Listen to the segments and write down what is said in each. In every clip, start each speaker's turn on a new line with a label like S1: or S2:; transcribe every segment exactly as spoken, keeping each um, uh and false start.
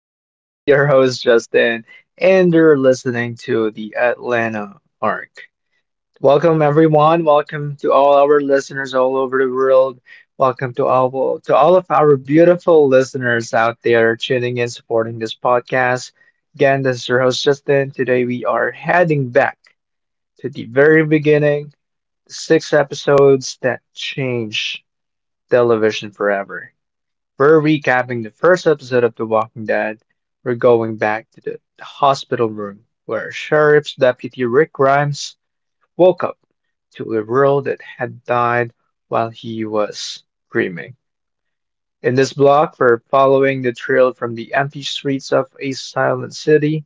S1: This is the, your host, Justin, and you're listening to the Atlanta Arc. Welcome, everyone. Welcome to all our listeners all over the world. Welcome to all to all of our beautiful listeners out there tuning in, supporting this podcast. Again, this is your host, Justin. Today we are heading back to the very beginning, six episodes that changed television forever. We're recapping the first episode of The Walking Dead. We're going back to the hospital room where Sheriff's Deputy Rick Grimes woke up to a world that had died while he was dreaming. In this block, we're following the trail from the empty streets of a silent city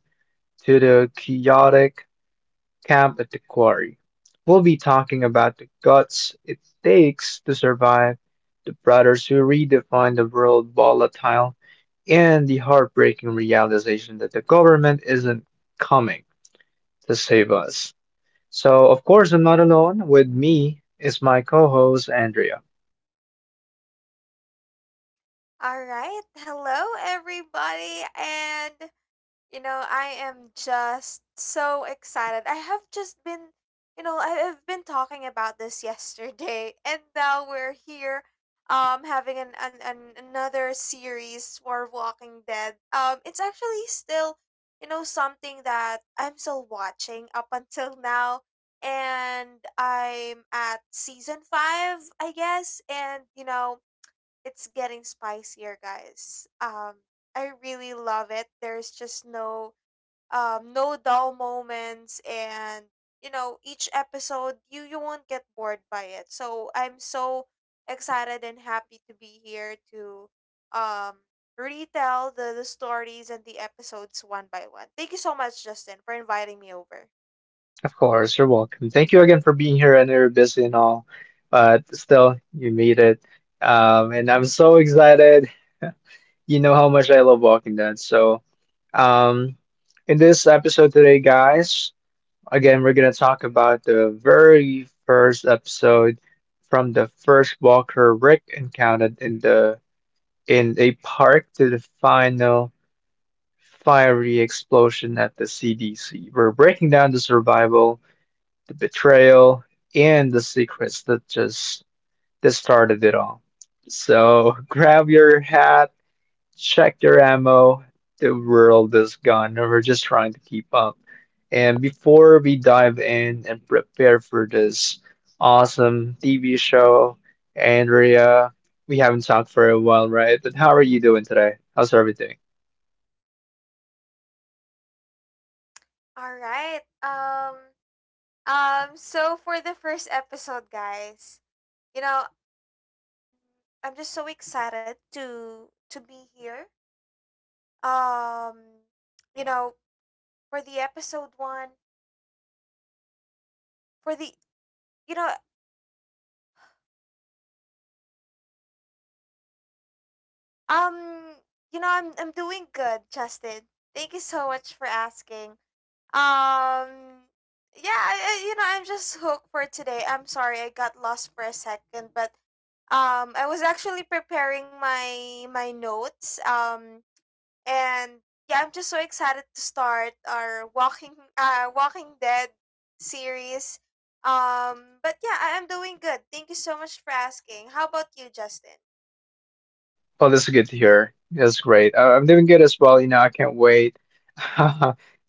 S1: to the chaotic camp at the quarry. We'll be talking about the guts it takes to survive, the brothers who redefine the world volatile, and the heartbreaking realization that the government isn't coming to save us. So, of course, I'm not alone. With me is my co host, Andrea.
S2: All right. Hello, everybody. And, you know, I am just so excited. I have just been, you know, I- I've been talking about this yesterday, and now we're here um having an, an, an another series for Walking Dead. Um it's actually still, you know, something that I'm still watching up until now and I'm at season five, I guess, and you know, it's getting spicier, guys. Um, I really love it. There's just no um no dull moments, and you know each episode you you won't get bored by it. So I'm so excited and happy to be here to um retell the, the stories and the episodes one by one. Thank you so much, Justin, for inviting me over.
S1: Of course, you're welcome. Thank you again for being here. I know you're busy and all, but still, you made it. Um, and I'm so excited. You know how much I love Walking Dead. So, um, in this episode today, guys, again, we're gonna talk about the very first episode, from the first Walker Rick encountered in the in a park, to the final fiery explosion at the C D C. We're breaking down the survival, the betrayal, and the secrets that just that started it all. So, grab your hat, check their ammo. The world is gone, and we're just trying to keep up. And before we dive in and prepare for this awesome T V show, Andrea, we haven't talked for a while, right? But how are you doing today? How's everything?
S2: All right. Um. Um. So for the first episode, guys, you know, Um, I'm just so excited to to be here. Um, you know, for the episode one, for the you know, um, you know, I'm I'm doing good, Justin. Thank you so much for asking. Um, yeah, I, I, you know, I'm just hooked for today. I'm sorry I got lost for a second, but um, I was actually preparing my my notes. Um, And yeah, I'm just so excited to start our Walking uh Walking Dead series. Um but yeah, I am doing good. Thank you so much for asking. How about you, Justin?
S1: Oh, that's good to hear. That's great. Uh, I'm doing good as well. You know, I can't wait.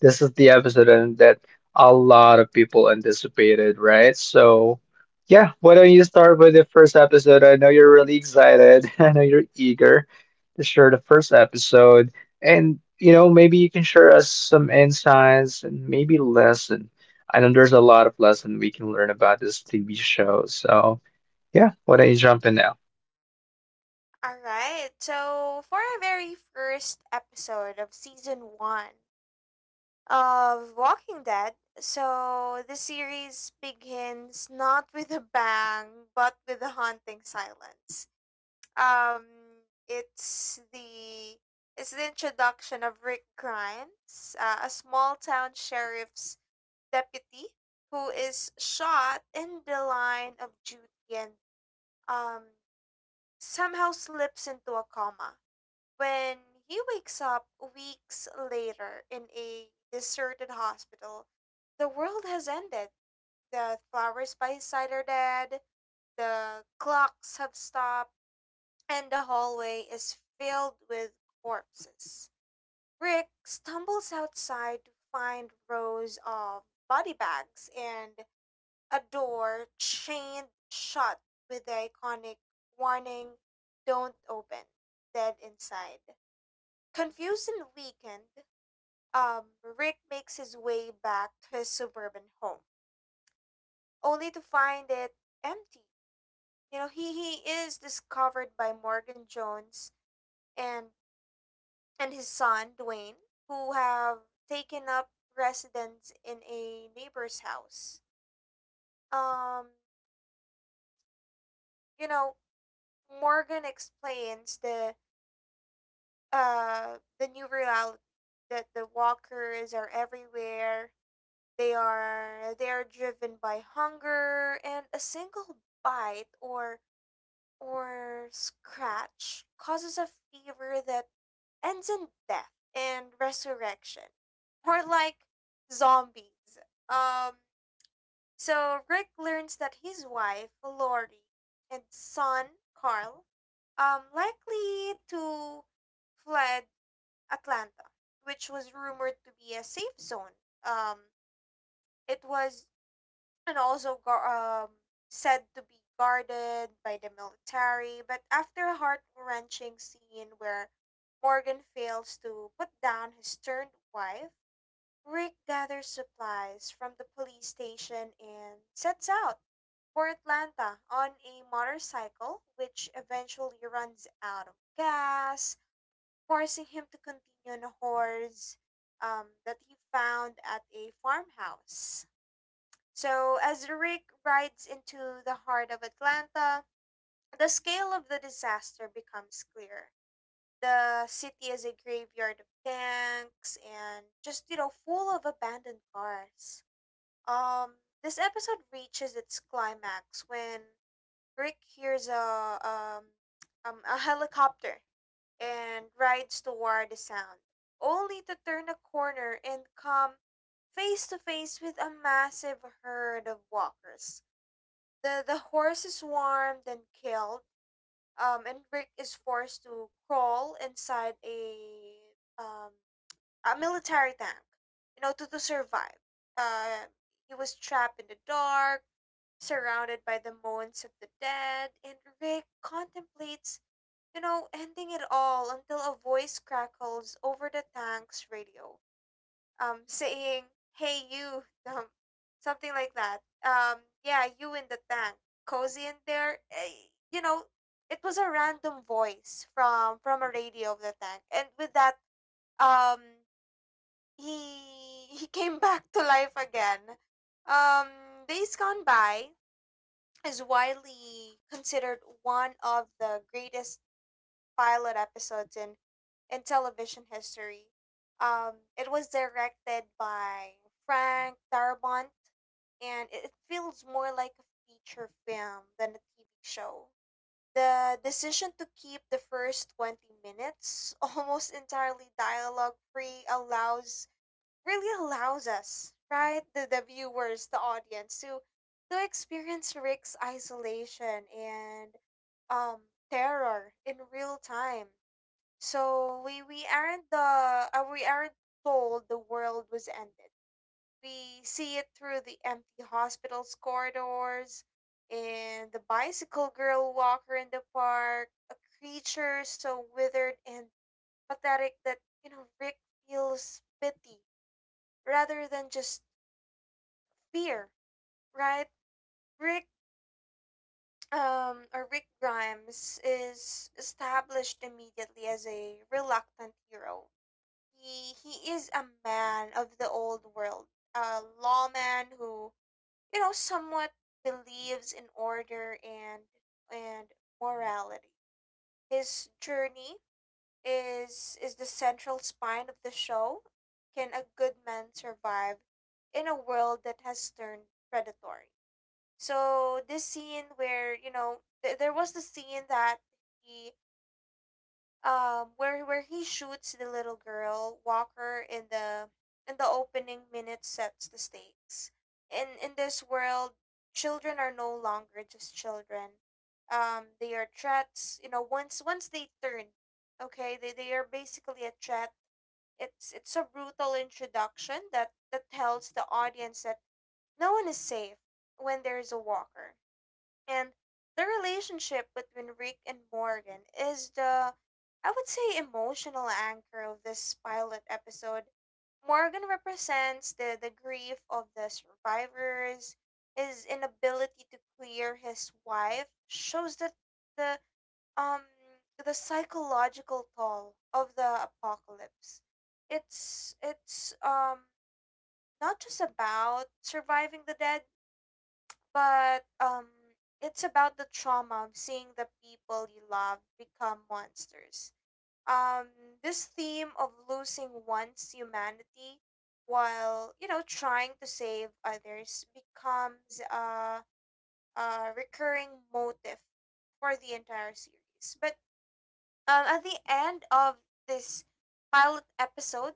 S1: This is the episode and that a lot of people anticipated, right? So, yeah, why don't you start with the first episode? I know you're really excited. I know you're eager to share the first episode. And, you know, maybe you can share us some insights and maybe lesson. I know there's a lot of lesson we can learn about this T V show. So, yeah, why don't you jump in now?
S2: All right. So, for our very first episode of season one of Walking Dead, so the series begins not with a bang, but with a haunting silence. Um, it's the it's the introduction of Rick Grimes, uh, a small town sheriff's deputy who is shot in the line of duty and um somehow slips into a coma. When he wakes up weeks later in a deserted hospital, the world has ended. The flowers by his side are dead. The clocks have stopped and the hallway is filled with corpses. Rick stumbles outside to find rows of body bags and a door chained shut with the iconic warning, don't open, dead inside. Confused and weakened, um, Rick makes his way back to his suburban home, only to find it empty. You know, he, he is discovered by Morgan Jones and and his son, Dwayne, who have taken up residence in a neighbor's house. Um, you know, Morgan explains the uh the new reality that the walkers are everywhere. They are they are driven by hunger, and a single bite or or scratch causes a fever that ends in death and resurrection, more like zombies. Um, so Rick learns that his wife, Lori, and son, Carl, um, likely to fled Atlanta, which was rumored to be a safe zone. Um, it was and also gar- um, said to be guarded by the military. But after a heart wrenching scene where Morgan fails to put down his turned wife, Rick gathers supplies from the police station and sets out for Atlanta on a motorcycle, which eventually runs out of gas, forcing him to continue on a horse um, that he found at a farmhouse. So, as the Rick rides into the heart of Atlanta, the scale of the disaster becomes clear. The city is a graveyard of tanks and just, you know, full of abandoned cars. Um, this episode reaches its climax when Rick hears a, um, um, a helicopter and rides toward the sound, only to turn a corner and come face to face with a massive herd of walkers. The the horse is warmed and killed. Um, and Rick is forced to crawl inside a um a military tank, you know, to, to survive. Uh, he was trapped in the dark, surrounded by the moans of the dead, and Rick contemplates, you know, ending it all until a voice crackles over the tank's radio, um, saying, "Hey, you," um, something like that. Um, yeah, you in the tank, cozy in there. Eh, you know, it was a random voice from from a radio of the tank, and with that, um, he he came back to life again. Um, days gone by is widely considered one of the greatest pilot episodes in in television history. Um, it was directed by Frank Darabont, and it it feels more like a feature film than a T V show. The decision to keep the first twenty minutes almost entirely dialogue free allows really allows us, right, the, the viewers, the audience, to to experience Rick's isolation and um terror in real time. So we we aren't the uh, we aren't told the world was ended. We see it through the empty hospital's corridors, and the bicycle girl walker in the park, a creature so withered and pathetic that you know Rick feels pity rather than just fear, right? Rick um or Rick Grimes is established immediately as a reluctant hero. He he is a man of the old world, a lawman who you know somewhat believes in order and and morality. His journey is is the central spine of the show. Can a good man survive in a world that has turned predatory? So this scene, where you know th- there was the scene that he um where where he shoots the little girl Walker in the in the opening minutes sets the stakes. In in this world, children are no longer just children. Um, they are threats. You know, once once they turn, okay, they, they are basically a threat. It's it's a brutal introduction that that tells the audience that no one is safe when there is a walker, and the relationship between Rick and Morgan is, the, I would say, emotional anchor of this pilot episode. Morgan represents the, the grief of the survivors. His inability to clear his wife shows that the um the psychological toll of the apocalypse. It's it's um not just about surviving the dead, but um it's about the trauma of seeing the people you love become monsters. Um this theme of losing one's humanity while, you know, trying to save others becomes a a recurring motive for the entire series. But um at the end of this pilot episode,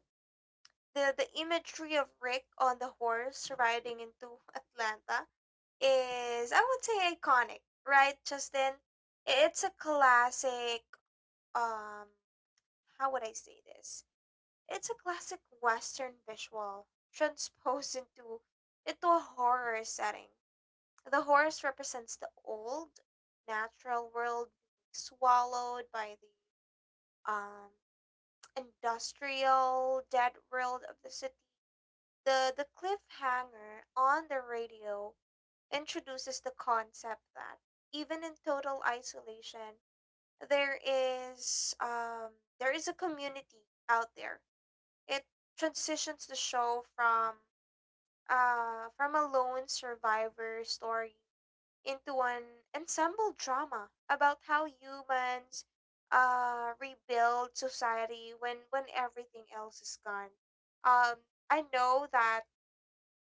S2: the the imagery of Rick on the horse riding into Atlanta is, I would say, iconic, right, Justin? It's a classic, um how would I say this? It's a classic western visual transposed into into a horror setting. The horse represents the old natural world being swallowed by the um industrial dead world of the city. The the cliffhanger on the radio introduces the concept that even in total isolation, there is, um, there is a community out there. It transitions the show from uh, from a lone survivor story into an ensemble drama about how humans uh, rebuild society when when everything else is gone. Um, I know that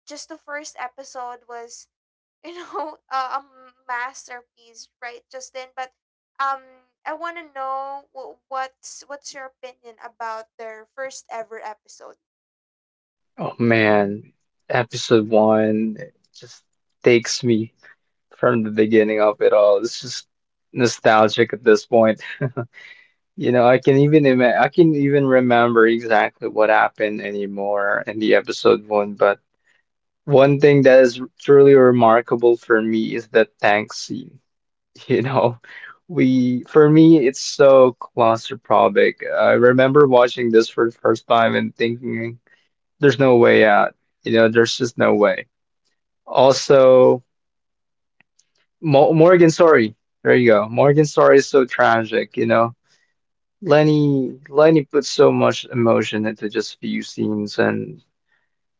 S2: just the first episode was, you know, uh, a masterpiece, right, Justin? But um I want to know wh- what's what's your opinion about their first ever episode?
S1: Oh man, episode one, it just takes me from the beginning of it all. It's just nostalgic at this point. You know, I can even ima- I can even remember exactly what happened anymore in the episode one. But one thing that is truly remarkable for me is the tank scene. You know, we for me it's so claustrophobic. I remember watching this for the first time and thinking, "There's no way out." You know, there's just no way. Also, Mo Morgan. Sorry. There you go. Morgan. Sorry. Is so tragic, you know. Lenny Lenny put so much emotion into just few scenes, and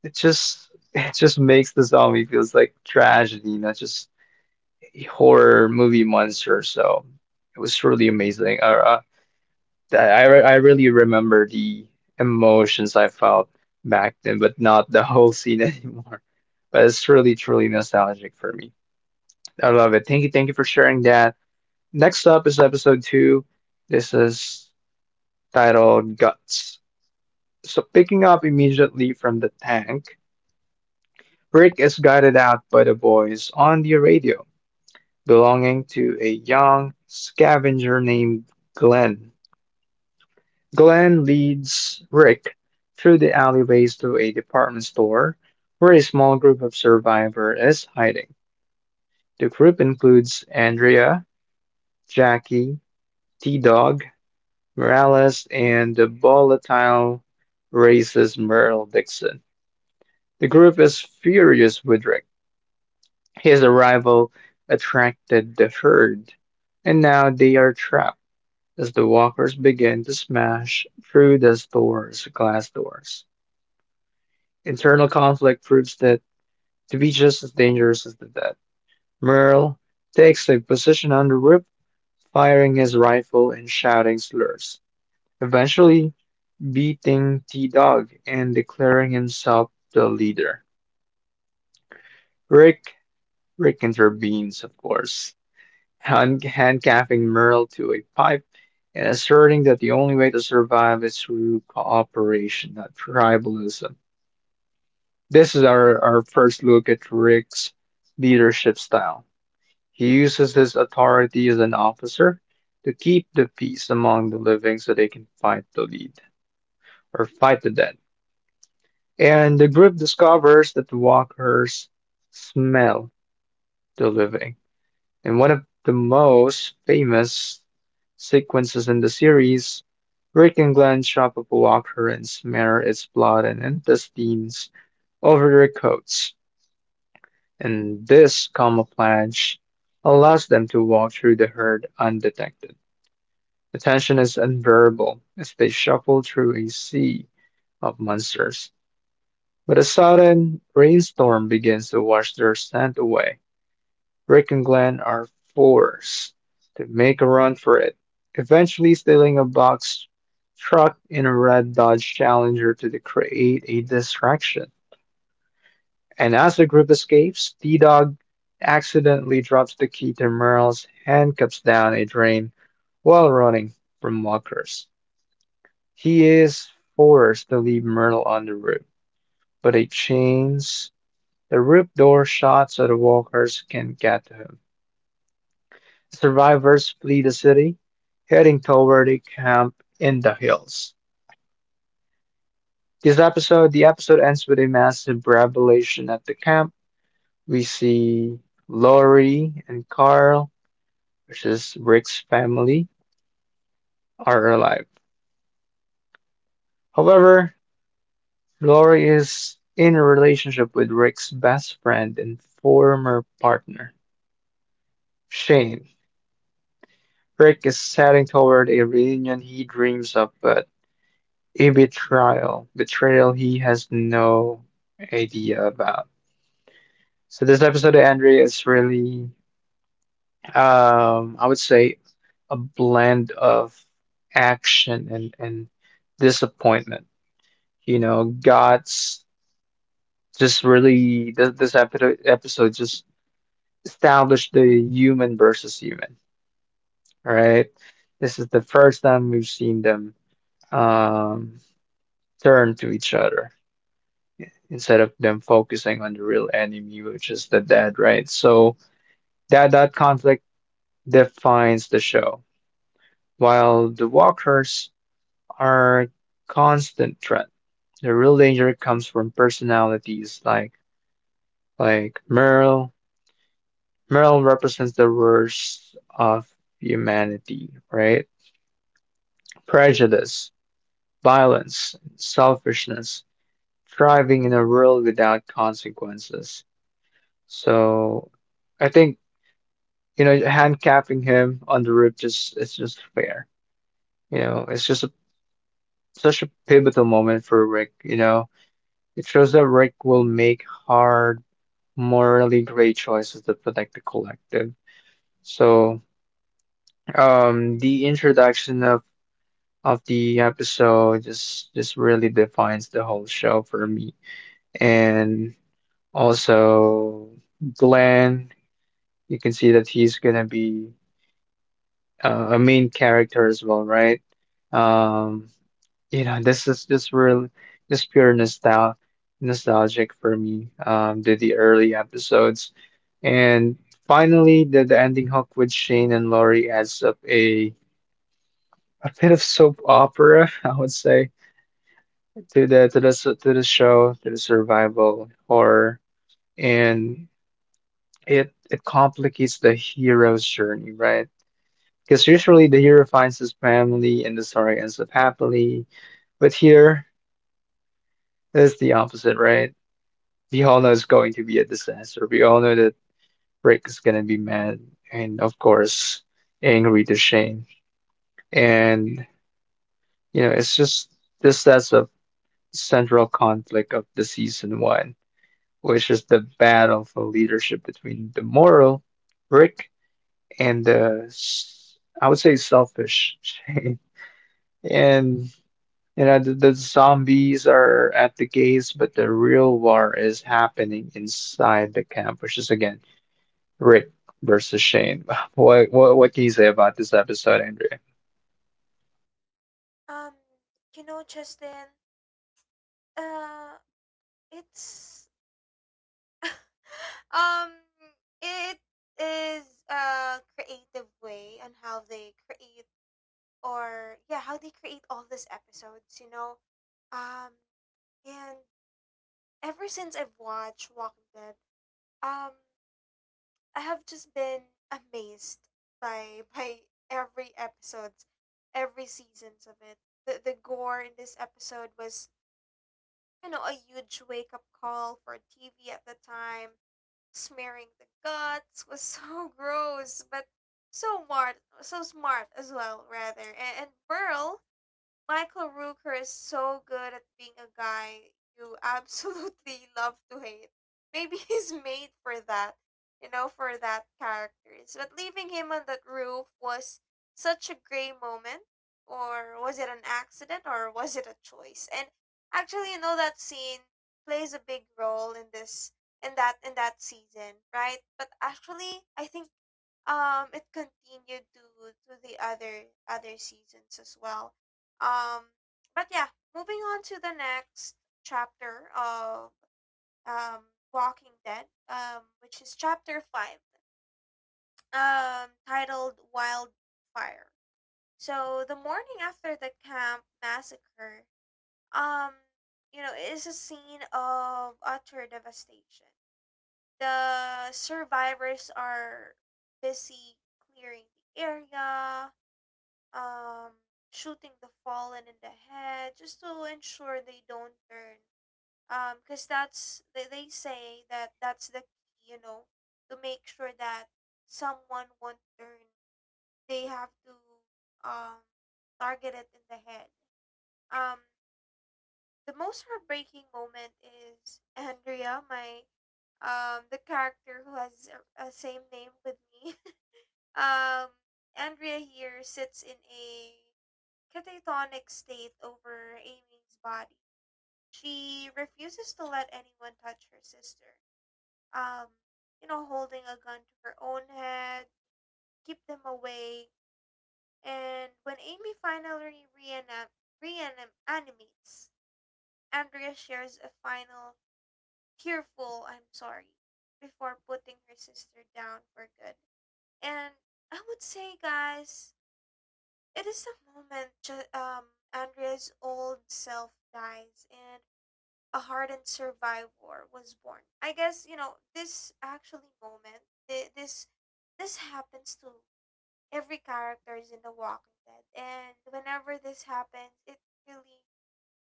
S1: it just it just makes the zombie feels like tragedy, not just a horror movie monster. So it was really amazing. Uh, uh, that- I re- I really remember the emotions I felt back then, but not the whole scene anymore. But it's really truly nostalgic for me. I love it. Thank you, thank you for sharing that. Next up is episode two. This is titled Guts. So, picking up immediately from the tank, Rick is guided out by the boys on the radio, belonging to a young scavenger named Glenn. Glenn leads Rick through the alleyways to a department store where a small group of survivors is hiding. The group includes Andrea, Jackie, T Dog, Morales, and the volatile racist Merle Dixon. The group is furious with Rick. His arrival attracted the herd, and now they are trapped as the walkers begin to smash through the store's glass doors. Internal conflict proves that to be just as dangerous as the dead. Merle takes a position on the roof, firing his rifle and shouting slurs, eventually beating T Dog and declaring himself the leader. Rick Rick intervenes, of course, hand- handcuffing Merle to a pipe and asserting that the only way to survive is through cooperation, not tribalism. This is our, our first look at Rick's leadership style. He uses his authority as an officer to keep the peace among the living so they can fight the lead or fight the dead. And the group discovers that the walkers smell the living. And one of the most famous sequences in the series, Rick and Glenn chop up a walker and smear its blood and intestines over their coats. And this camouflage allows them to walk through the herd undetected. The tension is unbearable as they shuffle through a sea of monsters. But a sudden rainstorm begins to wash their scent away. Rick and Glenn are forced to make a run for it, eventually stealing a box truck in a red Dodge Challenger to create a distraction. And as the group escapes, T Dog accidentally drops the key to Merle's handcuffs down a drain while running from walkers. He is forced to leave Merle on the roof, but a chains the roof door shut so the walkers can't get to him. Survivors flee the city, heading toward a camp in the hills. This episode, the episode ends with a massive revelation at the camp. We see Lori and Carl, which is Rick's family, are alive. However, Lori is in a relationship with Rick's best friend and former partner, Shane. Rick is heading toward a reunion he dreams of, but a betrayal. Betrayal he has no idea about. So this episode of Andrea is really, um, I would say, a blend of action and and disappointment. You know, God's just really this, this episode episode just established the human versus human. All right? This is the first time we've seen them um, turn to each other instead of them focusing on the real enemy, which is the dead, right? So that that conflict defines the show. While the walkers are constant threat, the real danger comes from personalities like like Merle. Merle represents the worst of humanity, right? Prejudice, violence, selfishness, thriving in a world without consequences. So I think, you know, handcuffing him on the roof, just it's just fair. You know, it's just a, such a pivotal moment for Rick. You know, it shows that Rick will make hard, morally great choices to protect the collective. So, um, the introduction of of the episode just just really defines the whole show for me. And also, Glenn, you can see that he's gonna be uh, a main character as well, right? Um, You know, this is just real, just pure nostal nostalgic for me. Um, the the early episodes, and finally the the ending hook with Shane and Laurie adds up a a bit of soap opera, I would say, to the to the s- to the show, to the survival horror, and it it complicates the hero's journey, right? Because usually the hero finds his family and the story ends up happily, but here it's the opposite, right? We all know it's going to be a disaster. We all know that Rick is going to be mad and, of course, angry to Shane. And, you know, it's just this that's a central conflict of the season one, which is the battle for leadership between the moral Rick and the, s- I would say, selfish Shane. And, you know, the, the zombies are at the gates, but the real war is happening inside the camp, which is, again, Rick versus Shane. What what what can you say about this episode, Andrea?
S2: um you know Justin, uh it's um it is a creative way on how they create, or yeah, how they create all these episodes, you know. Um and Ever since I've watched Walking Dead, um I have just been amazed by by every episodes, every seasons of it. The the gore in this episode was, you know, a huge wake up call for T V at the time. Smearing the guts was so gross, but so smart, so smart as well, rather. And, and Burl Michael Rooker is so good at being a guy you absolutely love to hate. Maybe he's made for that, you know, for that characters. But leaving him on that roof was such a gray moment. Or was it an accident or was it a choice? And actually, you know, that scene plays a big role in this in that in that season, right? But actually I think um it continued to to the other other seasons as well. um but yeah, moving on to the next chapter of, um Walking Dead, um which is chapter five, um titled Wildfire. So the morning after the camp massacre, um you know, is a scene of utter devastation. The survivors are busy clearing the area, um, shooting the fallen in the head just to ensure they don't turn. Um, because that's they, they say that that's the key, you know, to make sure that someone won't turn. They have to um target it in the head. Um, the most heartbreaking moment is Andrea, my um the character who has a, a same name with me. um, Andrea here sits in a catatonic state over Amy's body. She refuses to let anyone touch her sister. Um, you know, holding a gun to her own head, keep them away. And when Amy finally reanam- reanimates, Andrea shares a final tearful I'm sorry before putting her sister down for good. And I would say, guys, it is the moment ju- um Andrea's old self dies and a hardened survivor was born. I guess you know this actually moment. thi- This this happens to every characters in The Walking Dead, and whenever this happens, it really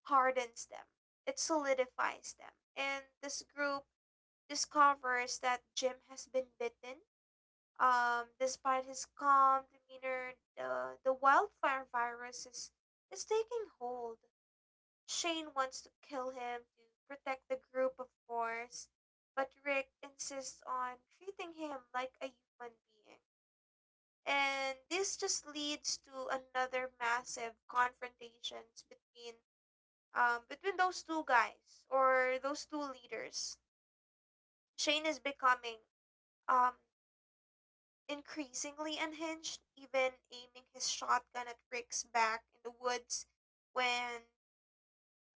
S2: hardens them. It solidifies them, and this group discovers that Jim has been bitten. Um, despite his calm demeanor, the the wildfire virus is is taking hold. Shane wants to kill him to protect the group, of course, but Rick insists on treating him like a human being. And this just leads to another massive confrontations between um, between those two guys or those two leaders. Shane is becoming um, increasingly unhinged, even aiming his shotgun at Rick's back in the woods when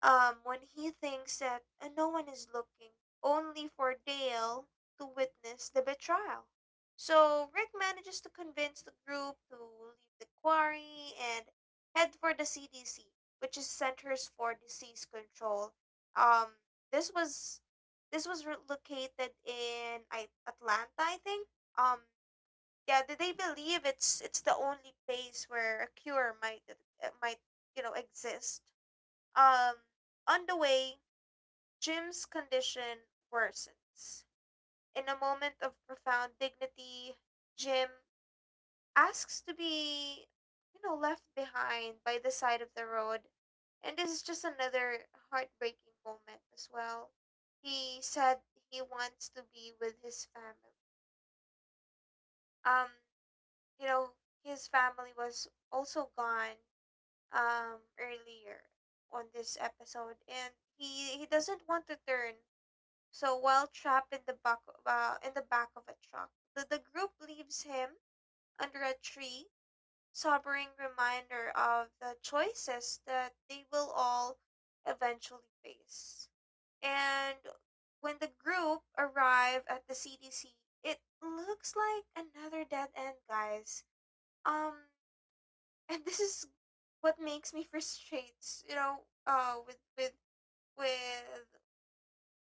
S2: Um, when he thinks that uh, no one is looking, only for Dale to witness the betrayal. So Rick manages to convince the group to leave the quarry and head for the C D C, which is Centers for Disease Control. Um, this was this was re- located in I- Atlanta, I think. Um, yeah, they they believe it's it's the only place where a cure might uh, might you know exist. Um, on the way, Jim's condition worsens. In a moment of profound dignity, Jim asks to be, you know, left behind by the side of the road. And this is just another heartbreaking moment as well. He said he wants to be with his family. Um, you know, his family was also gone um earlier on this episode and he he doesn't want to turn. So while trapped in the back uh, in the back of a truck, the, the group leaves him under a tree, sobering reminder of the choices that they will all eventually face. And when the group arrive at the C D C, it looks like another dead end, guys. Um, and this is what makes me frustrates, you know, uh, with with with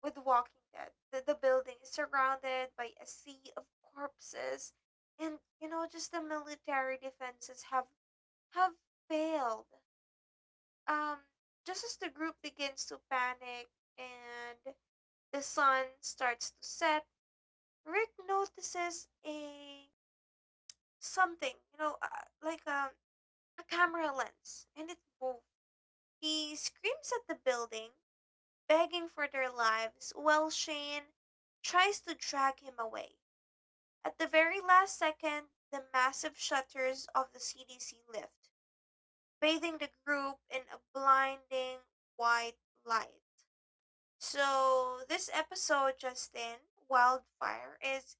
S2: with Walking Dead. The, the building is surrounded by a sea of corpses, and you know, just the military defenses have have failed. Um, just as the group begins to panic and the sun starts to set, Rick notices a something, you know, uh, like a, a camera lens, and it moves. He screams at the building, begging for their lives, while Shane tries to drag him away. At the very last second, the massive shutters of the C D C lift, bathing the group in a blinding white light. So, this episode, Justin, Wildfire, is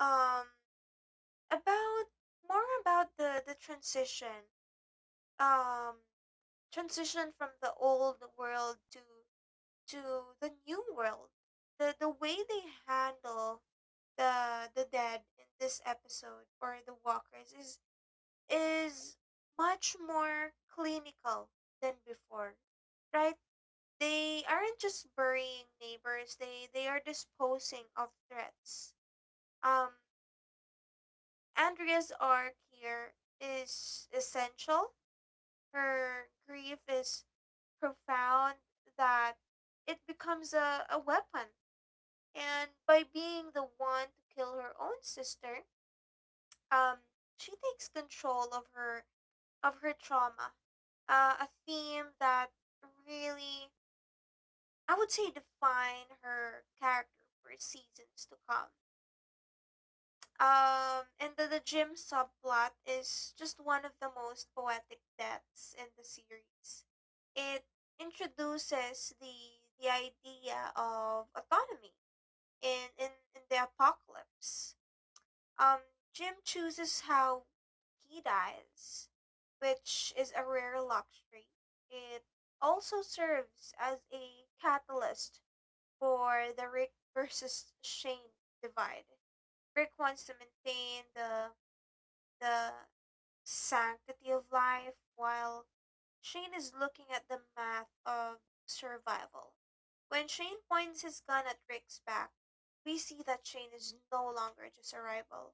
S2: um about more about the the transition um transition from the old world to to the new world. The the way they handle the the dead in this episode, or the walkers, is is much more clinical than before, right? They aren't just burying neighbors, they they are disposing of threats. um Andrea's arc here is essential. Her grief is profound, that it becomes a, a weapon, and by being the one to kill her own sister, um she takes control of her of her trauma. Uh, a theme that really, I would say, define her character for seasons to come. Um, and the, the gym subplot is just one of the most poetic deaths in the series. It introduces the the idea of autonomy in, in, in the apocalypse. Um, Jim chooses how he dies, which is a rare luxury. It also serves as a catalyst for the Rick versus Shane divide. Rick wants to maintain the the sanctity of life, while Shane is looking at the math of survival. When Shane points his gun at Rick's back, we see that Shane is no longer just a rival.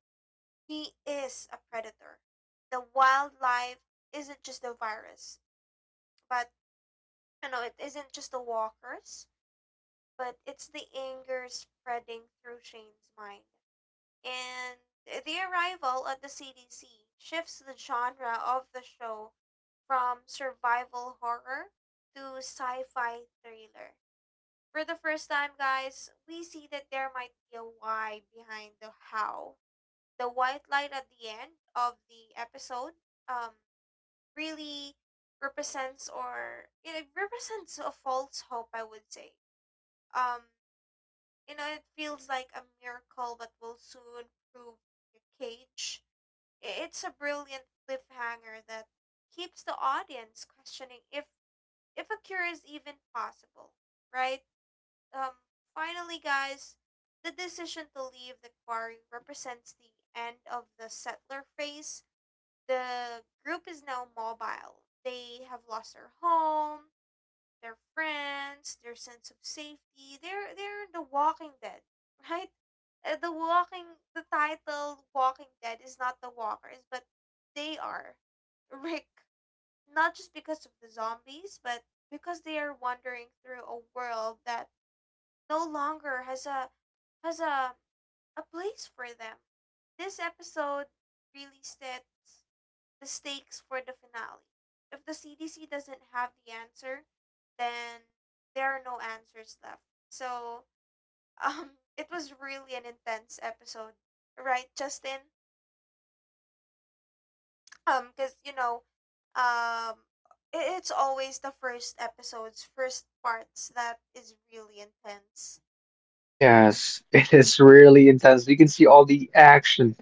S2: He is a predator. The wildlife isn't just the virus, but you know, it isn't just the walkers, but it's the anger spreading through Shane's mind. And the arrival at the C D C shifts the genre of the show from survival horror to sci fi thriller. For the first time, guys, we see that there might be a why behind the how. The white light at the end of the episode um, really represents, or you it represents a false hope, I would say. Um, you know, it feels like a miracle but will soon prove a cage. I- It's a brilliant cliffhanger that keeps the audience questioning if if a cure is even possible, right? Um Finally guys, the decision to leave the quarry represents the end of the settler phase. The group is now mobile. They have lost their home, their friends, their sense of safety. They're they're the Walking Dead, right? Uh, The Walking the title Walking Dead is not the walkers, but they are Rick. Not just because of the zombies, but because they are wandering through a world that no longer has a has a a place for them. This episode really sits the stakes for the finale. If the C D C doesn't have the answer, then there are no answers left. So, um, it was really an intense episode, right, Justin? Um, because you know, um, i- it's always the first episodes, first parts that is really intense.
S1: Yes, it is really intense. You can see all the action.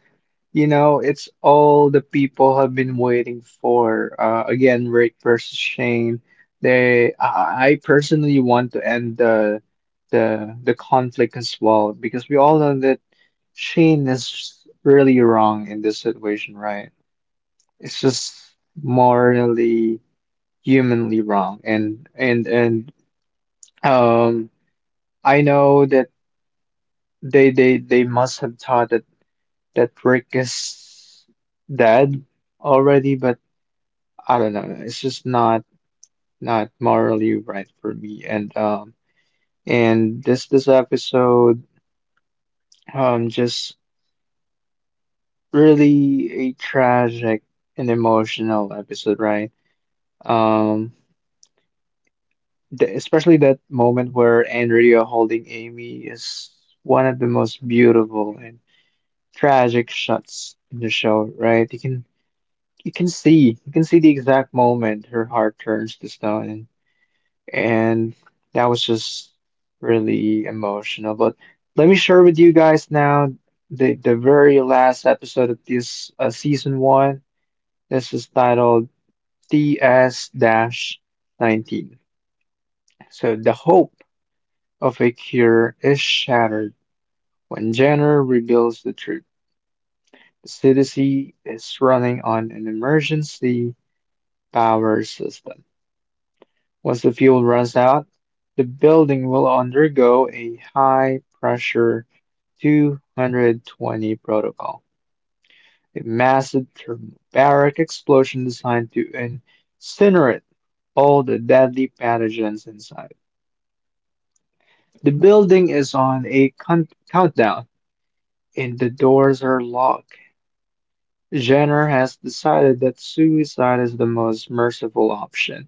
S1: You know, it's all the people have been waiting for. Uh, again, Rick versus Shane. They, I I personally want to end the the the conflict as well because we all know that. Shane is really wrong in this situation, right? It's just morally, humanly wrong. And and and um, I know that they they they must have thought that that Rick is dead already, but I don't know. It's just not not morally right for me. And um, and this this episode um just really a tragic and emotional episode, right? Um The, especially that moment where Andrea holding Amy is one of the most beautiful and tragic shots in the show, right? You can you can see you can see the exact moment her heart turns to stone, and, and that was just really emotional. But let me share with you guys now the the very last episode of this uh, season one. This is titled T S nineteen. So the hope of a cure is shattered when Jenner reveals the truth. The C D C is running on an emergency power system. Once the fuel runs out, the building will undergo a high pressure two hundred twenty protocol, a massive thermobaric explosion designed to incinerate all the deadly pathogens inside. The building is on a count- countdown and the doors are locked. Jenner has decided that suicide is the most merciful option,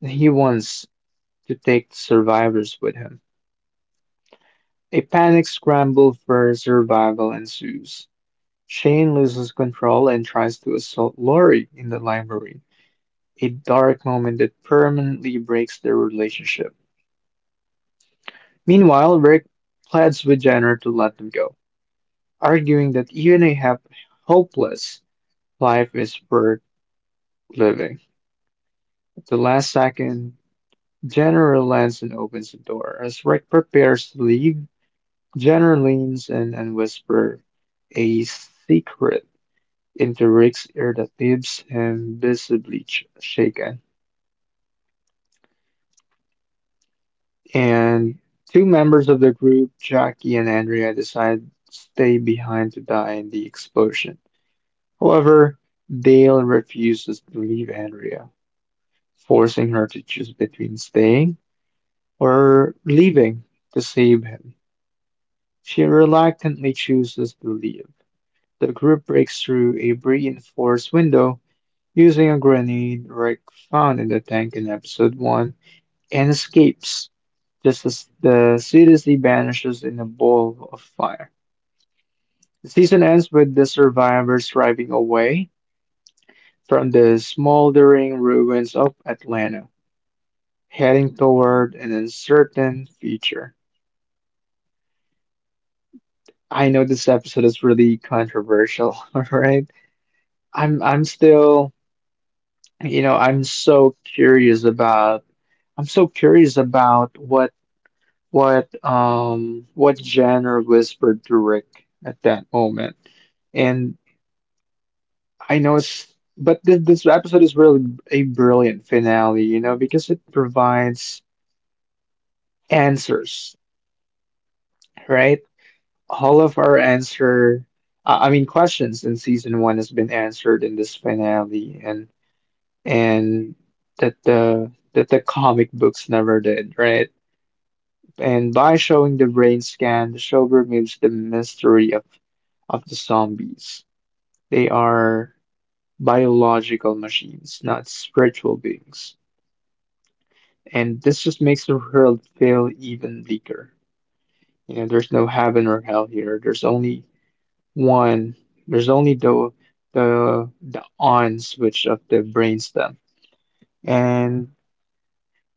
S1: and he wants to take the survivors with him. A panic scramble for survival ensues. Shane loses control and tries to assault Lori in the library, a dark moment that permanently breaks their relationship. Meanwhile, Rick pleads with Jenner to let them go, arguing that even a hap- hopeless life is worth living. At the last second, Jenner lands and opens the door. As Rick prepares to leave, Jenner leans in and whispers a secret into Rick's ear that leaves him visibly sh- shaken. And two members of the group, Jackie and Andrea, decide to stay behind to die in the explosion. However, Dale refuses to leave Andrea, forcing her to choose between staying or leaving to save him. She reluctantly chooses to leave. The group breaks through a reinforced window using a grenade Rick found in the tank in episode one and escapes, just as the city vanishes in a ball of fire. The season ends with the survivors driving away from the smoldering ruins of Atlanta, heading toward an uncertain future. I know this episode is really controversial, alright? I'm I'm still. You know, I'm so curious about I'm so curious about what what um what genre whispered to Rick at that moment. And I know it's but this, this episode is really a brilliant finale, you know, because it provides answers, right? All of our answer uh, I mean Questions in season one has been answered in this finale, and and that the that the comic books never did, right? And by showing the brain scan, the show removes the mystery of, of the zombies. They are biological machines, not spiritual beings. And this just makes the world feel even bleaker. You know, there's no heaven or hell here. There's only one. There's only the the the on switch of the brainstem. And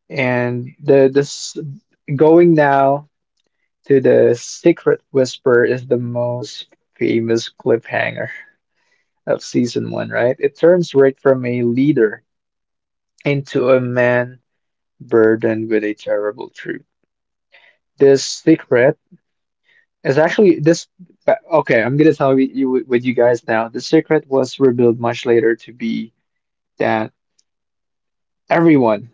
S1: and the this Going now to The Secret Whisper is the most famous cliffhanger of season one, right? It turns Rick from a leader into a man burdened with a terrible truth. This secret is actually this. but- Okay, I'm gonna tell you you- with you guys now. The secret was revealed much later to be that everyone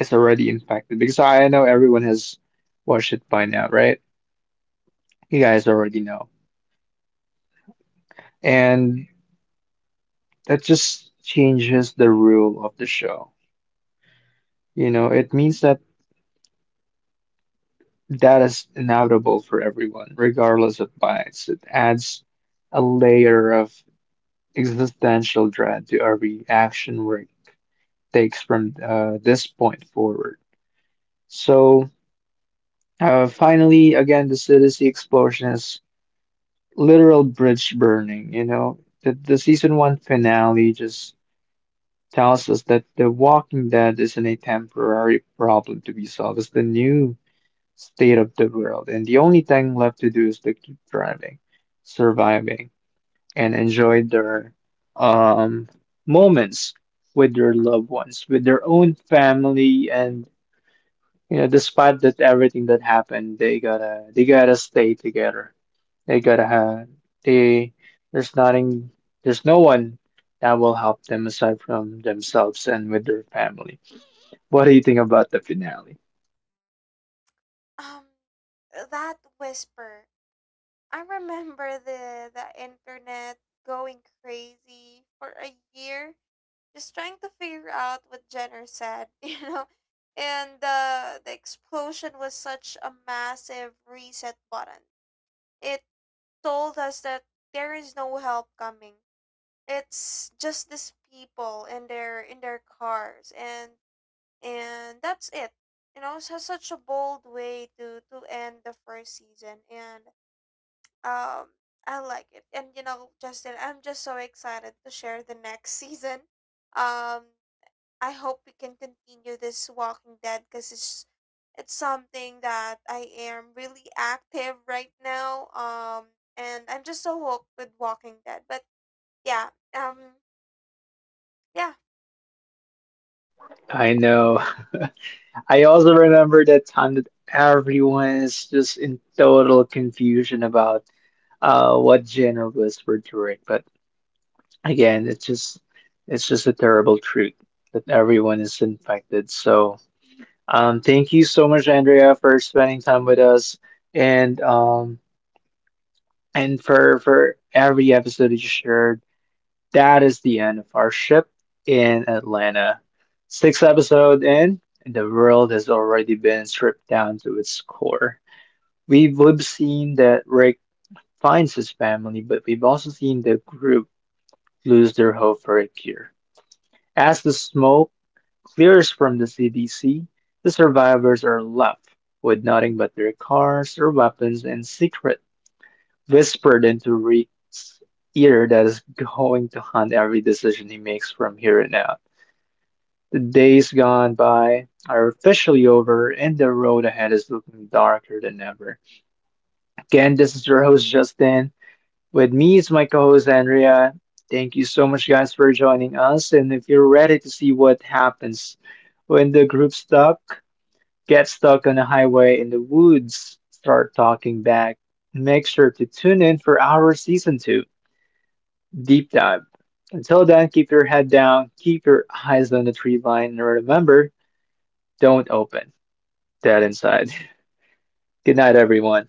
S1: is already infected, because I know everyone has watched it by now, right? You guys already know. And that just changes the rule of the show. You know, it means that that is inevitable for everyone, regardless of bias. It adds a layer of existential dread to every action Rick takes from uh, this point forward. So, uh, finally, again, the Citizen explosion is literal bridge burning. You know, the, the season one finale just tells us that The Walking Dead isn't a temporary problem to be solved, it's the new state of the world, and the only thing left to do is to keep driving, surviving, and enjoy their um, moments with their loved ones, with their own family, and you know, despite that everything that happened, they gotta they gotta stay together. They gotta have they there's nothing there's no one that will help them aside from themselves and with their family. What do you think about the finale?
S2: Um, that whisper. I remember the the internet going crazy for a year just trying to figure out what Jenner said, you know. And the the explosion was such a massive reset button. It told us that there is no help coming. It's just these people in their in their cars and and that's it. You know, it's such a bold way to to end the first season and um I like it. And you know, Justin, I'm just so excited to share the next season. Um I hope we can continue this Walking Dead because it's it's something that I am really active right now. Um, and I'm just so hooked with Walking Dead. But yeah, um, yeah.
S1: I know. I also remember that time that everyone is just in total confusion about uh what genre was we're doing. But again, it's just it's just a terrible truth that everyone is infected. So um thank you so much, Andrea, for spending time with us, and um and for for every episode that you shared. That is the end of our ship in Atlanta. Sixth episode in, and the world has already been stripped down to its core. We've, we've seen that Rick finds his family, but we've also seen the group lose their hope for a cure. As the smoke clears from the C D C, the survivors are left with nothing but their cars, their weapons, and secret whispered into Rick's ear that is going to haunt every decision he makes from here on out. The days gone by are officially over, and the road ahead is looking darker than ever. Again, this is your host Justin. With me is my co host, Andrea. Thank you so much, guys, for joining us. And if you're ready to see what happens when the group stuck, get stuck on a highway in the woods, start talking back, make sure to tune in for our season two deep dive. Until then, keep your head down, keep your eyes on the tree line, and remember, don't open that inside. Good night, everyone.